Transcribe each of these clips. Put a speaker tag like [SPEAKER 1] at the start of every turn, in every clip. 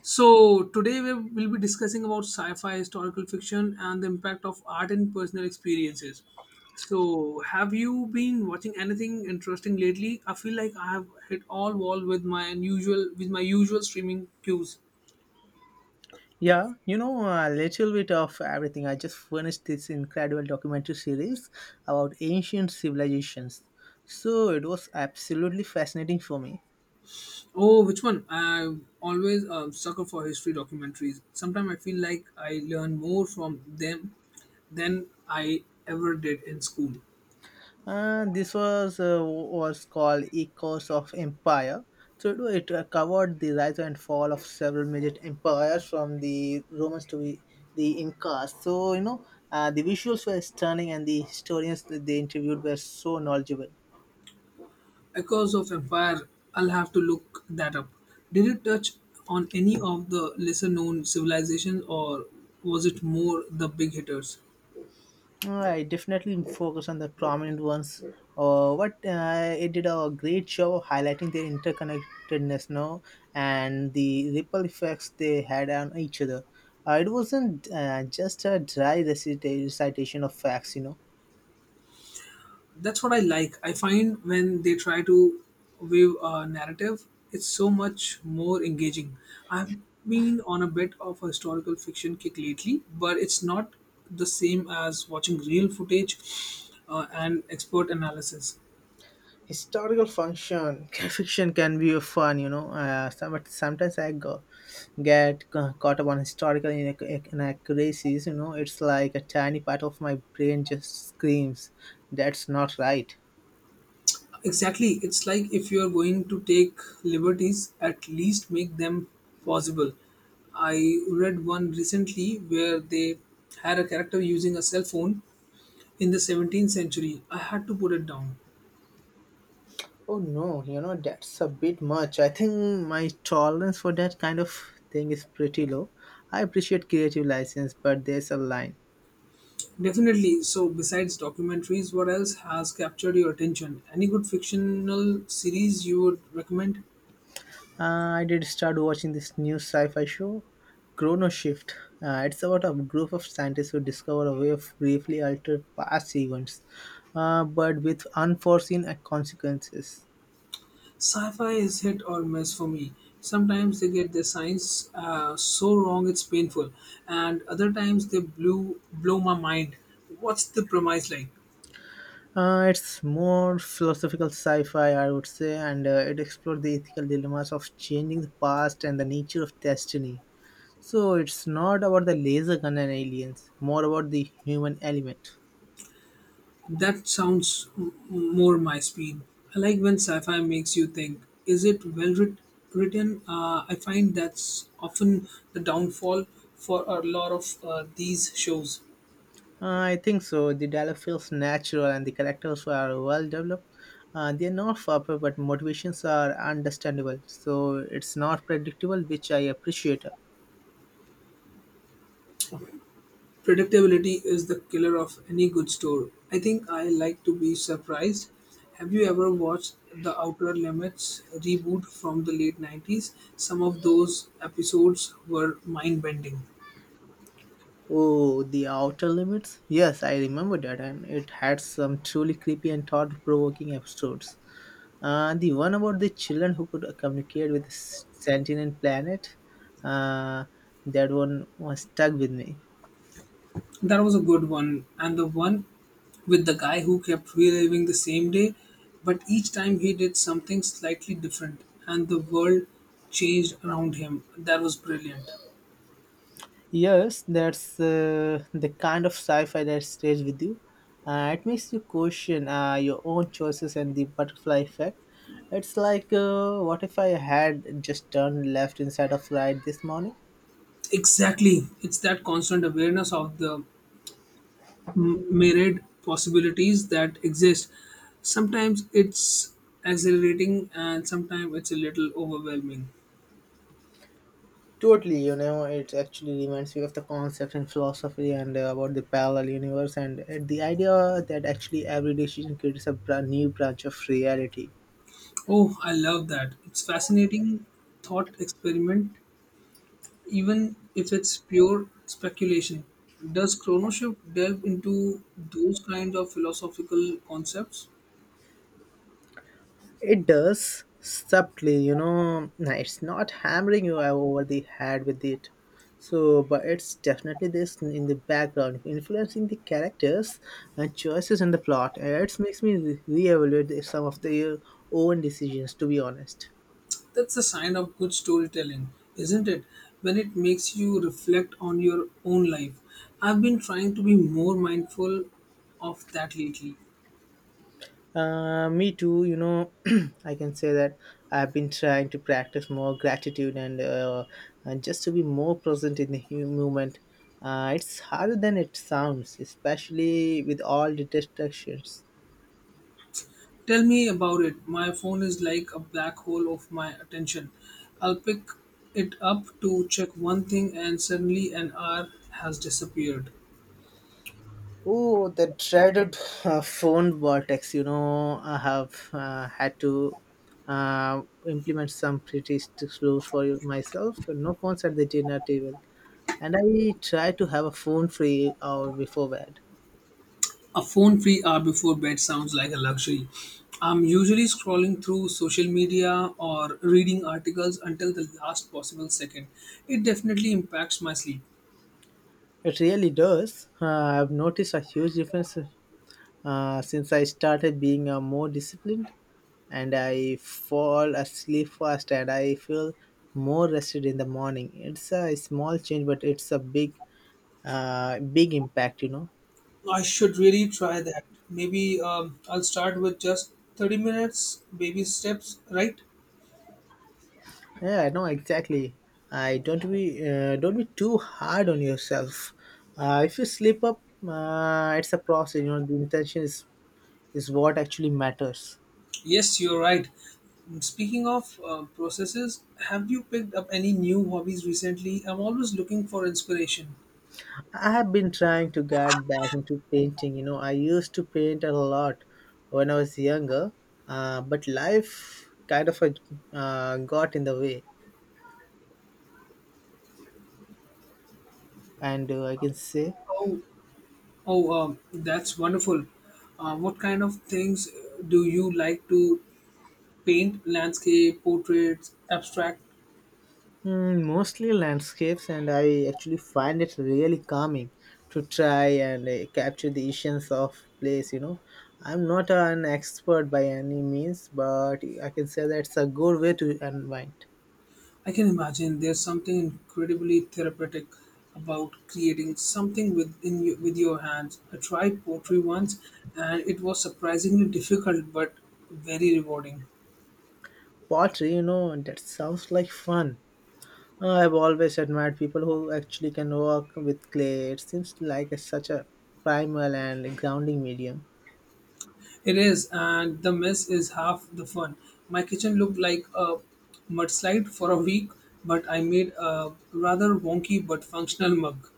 [SPEAKER 1] So today we will be discussing about sci-fi, historical fiction, and the impact of art and personal experiences. So have you been watching anything interesting lately? I feel like I have hit all wall with my usual streaming cues.
[SPEAKER 2] Yeah, you know, a little bit of everything. I just finished this incredible documentary series about ancient civilizations. So it was absolutely fascinating for me.
[SPEAKER 1] Oh, which one? I'm always a sucker for history documentaries. Sometimes I feel like I learn more from them than I ever did in school.
[SPEAKER 2] This was called Echoes of Empire. So it covered the rise and fall of several major empires from the Romans to the Incas. So you know, the visuals were stunning, and the historians that they interviewed were so knowledgeable.
[SPEAKER 1] Echoes of Empire, I'll have to look that up. Did it touch on any of the lesser known civilizations or was it more the big hitters?
[SPEAKER 2] I definitely focus on the prominent ones. What it did a great show of highlighting their interconnectedness now and the ripple effects they had on each other. It wasn't just a dry recitation of facts, you know.
[SPEAKER 1] That's what I like. I find when they try to weave a narrative, it's so much more engaging. I've been on a bit of a historical fiction kick lately, but it's not the same as watching real footage and expert analysis.
[SPEAKER 2] Historical function fiction can be fun, you know. But sometimes I go, get caught up on historical inaccuracies, you know. It's like a tiny part of my brain just screams, "That's not right."
[SPEAKER 1] Exactly. It's like if you are going to take liberties, at least make them possible. I read one recently where they had a character using a cell phone in the 17th century. I had to put it down.
[SPEAKER 2] Oh no, you know, that's a bit much. I think my tolerance for that kind of thing is pretty low. I appreciate creative license, but there's a line.
[SPEAKER 1] Definitely. So, besides documentaries, what else has captured your attention? Any good fictional series you would recommend?
[SPEAKER 2] I did start watching this new sci fi show, Chrono Shift. It's about a group of scientists who discover a way of briefly alter past events, but with unforeseen consequences.
[SPEAKER 1] Sci-fi is hit or miss for me. Sometimes they get their science so wrong it's painful, and other times they blew blow my mind. What's the premise like?
[SPEAKER 2] It's more philosophical sci-fi, I would say, and it explores the ethical dilemmas of changing the past and the nature of destiny. So it's not about the laser gun and aliens, more about the human element.
[SPEAKER 1] That sounds more my speed. I like when sci-fi makes you think. Is it well written? I find that's often the downfall for a lot of these shows.
[SPEAKER 2] I think so. The dialogue feels natural and the characters are well developed. They are not proper, but motivations are understandable. So it's not predictable, which I appreciate.
[SPEAKER 1] Predictability is the killer of any good story. I think I like to be surprised. Have you ever watched the Outer Limits reboot from the late 90s? Some of those episodes were mind bending.
[SPEAKER 2] Oh, the outer limits? Yes, I remember that, and it had some truly creepy and thought provoking episodes. The one about the children who could communicate with the sentient planet, uh, that one was stuck with me.
[SPEAKER 1] That was a good one. And the one with the guy who kept reliving the same day, but each time he did something slightly different and the world changed around him. That was brilliant.
[SPEAKER 2] Yes, that's the kind of sci-fi that stays with you. It makes you question your own choices and the butterfly effect. It's like, what if I had just turned left instead of right this morning?
[SPEAKER 1] Exactly. It's that constant awareness of the myriad possibilities that exist. Sometimes it's exhilarating and sometimes it's a little overwhelming.
[SPEAKER 2] Totally, you know, it actually reminds me of the concept in philosophy and about the parallel universe and the idea that actually every decision creates a new branch of reality.
[SPEAKER 1] Oh, I love that. It's fascinating thought experiment, even if it's pure speculation. Does Chronoshift delve into those kinds of philosophical concepts?
[SPEAKER 2] It does subtly, you know, nah, it's not hammering you over the head with it. So, but it's definitely this in the background, influencing the characters and choices in the plot. It makes me reevaluate some of their own decisions, to be honest.
[SPEAKER 1] That's a sign of good storytelling, isn't it? When it makes you reflect on your own life. I've been trying to be more mindful of that lately.
[SPEAKER 2] Me too, you know, I can say that I've been trying to practice more gratitude and just to be more present in the moment. It's harder than it sounds, especially with all the distractions.
[SPEAKER 1] Tell me about it. My phone is like a black hole of my attention. I'll pick it up to check one thing, and suddenly an hour has disappeared.
[SPEAKER 2] Oh, the dreaded phone vortex, you know, I have had to uh, implement some pretty strict rules for myself. No phones at the dinner table. And I try to have a phone free hour before bed.
[SPEAKER 1] A phone free hour before bed sounds like a luxury. I'm usually scrolling through social media or reading articles until the last possible second. It definitely impacts my sleep.
[SPEAKER 2] It really does. I've noticed a huge difference since I started being more disciplined, and I fall asleep fast, and I feel more rested in the morning. It's a small change, but it's a big, big impact. You know.
[SPEAKER 1] I should really try that. Maybe I'll start with just 30 minutes, baby steps, right?
[SPEAKER 2] Yeah, I know exactly. I don't be Don't be too hard on yourself. If you slip up, it's a process. You know, the intention is what actually matters.
[SPEAKER 1] Yes, you're right. Speaking of processes, have you picked up any new hobbies recently? I'm always looking for inspiration.
[SPEAKER 2] I have been trying to get back into painting. You know, I used to paint a lot when I was younger, but life kind of got in the way. And I can say
[SPEAKER 1] How Oh, that's wonderful. What kind of things do you like to paint? Landscape, portraits, abstract?
[SPEAKER 2] mm, mostly landscapes, and I actually find it really calming to try and capture the essence of place. You know, I'm not an expert by any means, but I can say that's a good way to unwind.
[SPEAKER 1] I can imagine there's something incredibly therapeutic about creating something within you, with your hands. I tried pottery once and it was surprisingly difficult but very rewarding.
[SPEAKER 2] Pottery, you know, that sounds like fun. I've always admired people who actually can work with clay. It seems like it's such a primal and grounding medium.
[SPEAKER 1] It is, and the mess is half the fun. My kitchen looked like a mudslide for a week, but I made a rather wonky but functional mug.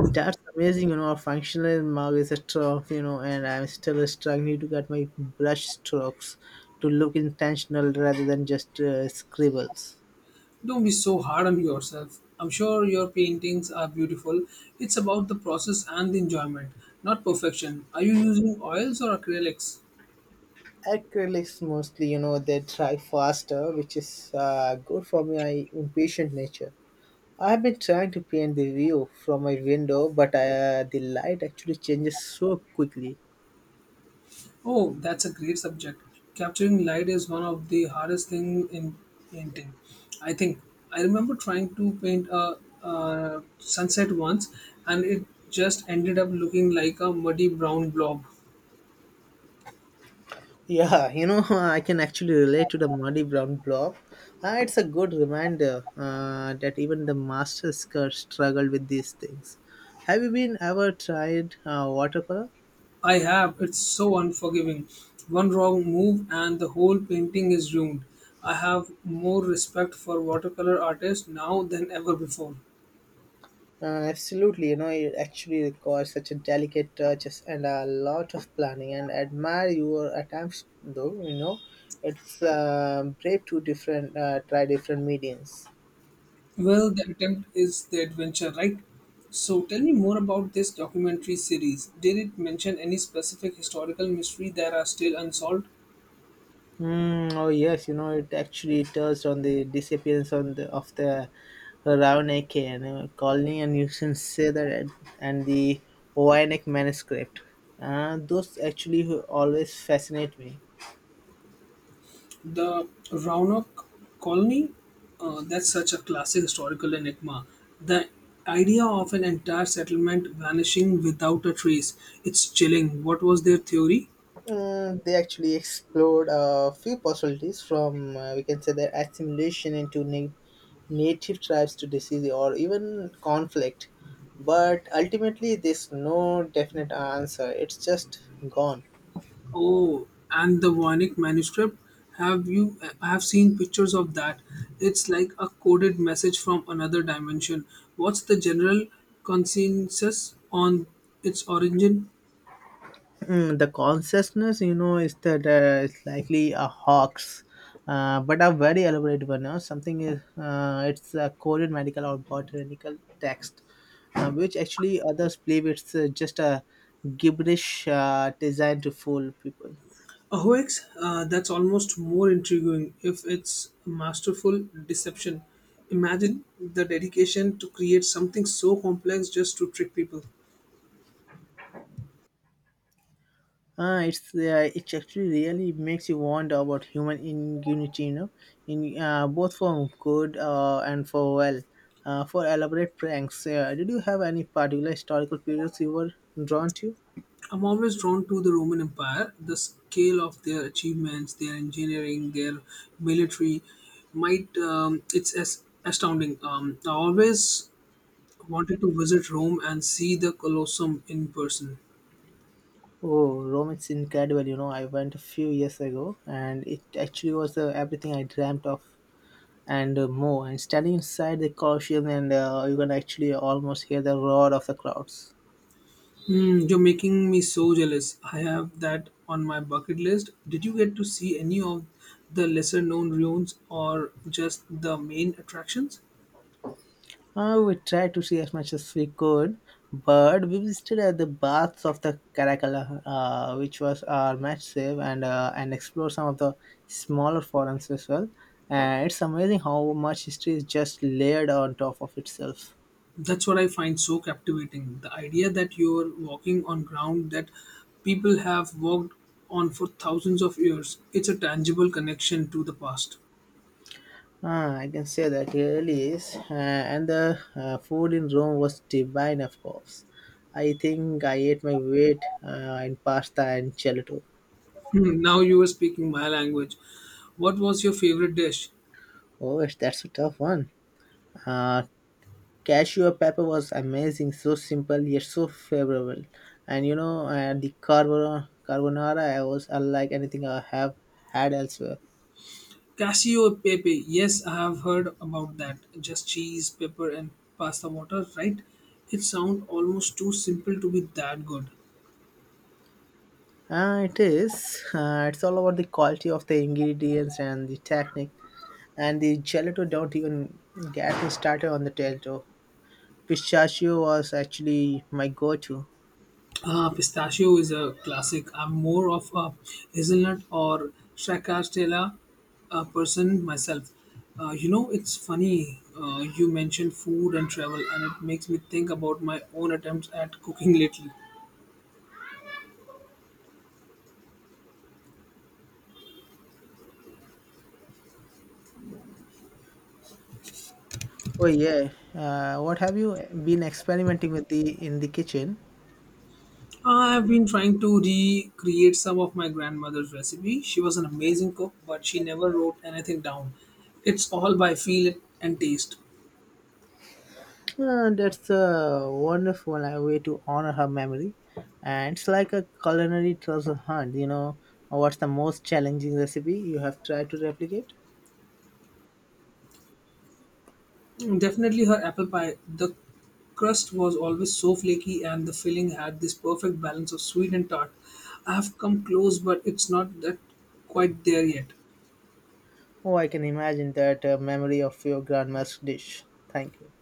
[SPEAKER 2] That's amazing, you know. A functional mug is a trough, you know, and I'm still struggling to get my brush strokes to look intentional rather than just scribbles.
[SPEAKER 1] Don't be so hard on yourself. I'm sure your paintings are beautiful. It's about the process and the enjoyment, not perfection. Are you using oils or acrylics?
[SPEAKER 2] Acrylics mostly, you know, they dry faster, which is good for my impatient nature. I have been trying to paint the view from my window, but the light actually changes so quickly.
[SPEAKER 1] Oh, that's a great subject. Capturing light is one of the hardest things in painting. I think I remember trying to paint a sunset once and it just ended up looking like a muddy brown blob.
[SPEAKER 2] Yeah, you know, I can actually relate to the muddy brown blob. It's a good reminder that even the master skirt struggled with these things. Have you been ever tried watercolor?
[SPEAKER 1] I have. It's so unforgiving. One wrong move and the whole painting is ruined. I have more respect for watercolor artists now than ever before.
[SPEAKER 2] Uh, Absolutely, you know, it actually requires such a delicate touches and a lot of planning. And admire your attempts, though. You know, it's brave to different try different mediums.
[SPEAKER 1] Well, the attempt is the adventure, right? So tell me more about this documentary series. Did it mention any specific historical mystery that are still unsolved?
[SPEAKER 2] Mm, oh yes, you know it actually touched on the disappearance on the of the Ravnake and colony, and you can say that and the Oyanek manuscript. Those actually who always fascinate me.
[SPEAKER 1] The Roanoke Colony? That's such a classic historical enigma. The idea of an entire settlement vanishing without a trace. It's chilling. What was their theory?
[SPEAKER 2] Mm, they actually explored a few possibilities from we can say their assimilation into native tribes to disease or even conflict, but ultimately there's no definite answer. It's just gone.
[SPEAKER 1] Oh, and the Voynich manuscript. Have you I have seen pictures of that? It's like a coded message from another dimension. What's the general consensus on its origin?
[SPEAKER 2] Mm, the consciousness, you know, is that it's likely a hoax, but a very elaborate one. No? Something is it's a coded medical or botanical text, which actually others believe it's just a gibberish designed to fool people.
[SPEAKER 1] OX, that's almost more intriguing if it's masterful deception. Imagine the dedication to create something so complex just to trick people.
[SPEAKER 2] Ah, it's it actually really makes you wonder about human ingenuity, you know, in both for good and for well, for elaborate pranks. Did you have any particular historical periods you were drawn to?
[SPEAKER 1] I'm always drawn to the Roman Empire, the scale of their achievements, their engineering, their military, might it's as astounding. I always wanted to visit Rome and see the Colosseum in person.
[SPEAKER 2] Oh, Rome is incredible. You know, I went a few years ago, and it actually was everything I dreamt of and more. And standing inside the Colosseum, and you can actually almost hear the roar of the crowds.
[SPEAKER 1] Hmm, you're making me so jealous. I have that on my bucket list. Did you get to see any of the lesser known ruins or just the main attractions?
[SPEAKER 2] We tried to see as much as we could, but we visited at the baths of the Caracalla, which was our match save, and explored some of the smaller forums as well. And it's amazing how much history is just layered on top of itself.
[SPEAKER 1] That's what I find so captivating. The idea that you're walking on ground that people have walked on for thousands of years. It's a tangible connection to the past.
[SPEAKER 2] Ah, I can say that really is. And the food in Rome was divine, of course. I think I ate my weight in pasta and gelato.
[SPEAKER 1] Hmm, now you are speaking my language. What was your favorite dish?
[SPEAKER 2] Oh, it's- that's a tough one. Uh, Cashew pepper was amazing, so simple yet so favorable, and you know the carbonara I was unlike anything I have had elsewhere.
[SPEAKER 1] Casio pepe. Yes, I have heard about that. Just cheese, pepper, and pasta water, right? It sounds almost too simple to be that good.
[SPEAKER 2] It is, it's all about the quality of the ingredients and the technique, and the gelato, don't even get me started on the gelato. Pistachio was actually my go-to.
[SPEAKER 1] Pistachio is a classic. I'm more of a hazelnut or stracciatella person myself. It's funny you mentioned food and travel, and it makes me think about my own attempts at cooking lately.
[SPEAKER 2] Oh yeah, what have you been experimenting with the in the kitchen?
[SPEAKER 1] I've been trying to recreate some of my grandmother's recipe. She was an amazing cook, but she never wrote anything down. It's all by feel and taste.
[SPEAKER 2] That's a wonderful way to honor her memory. And it's like a culinary treasure hunt, you know. What's the most challenging recipe you have tried to replicate?
[SPEAKER 1] Definitely her apple pie. The crust was always so flaky and the filling had this perfect balance of sweet and tart. I have come close, but it's not that quite there yet.
[SPEAKER 2] Oh, I can imagine that memory of your grandma's dish. Thank you.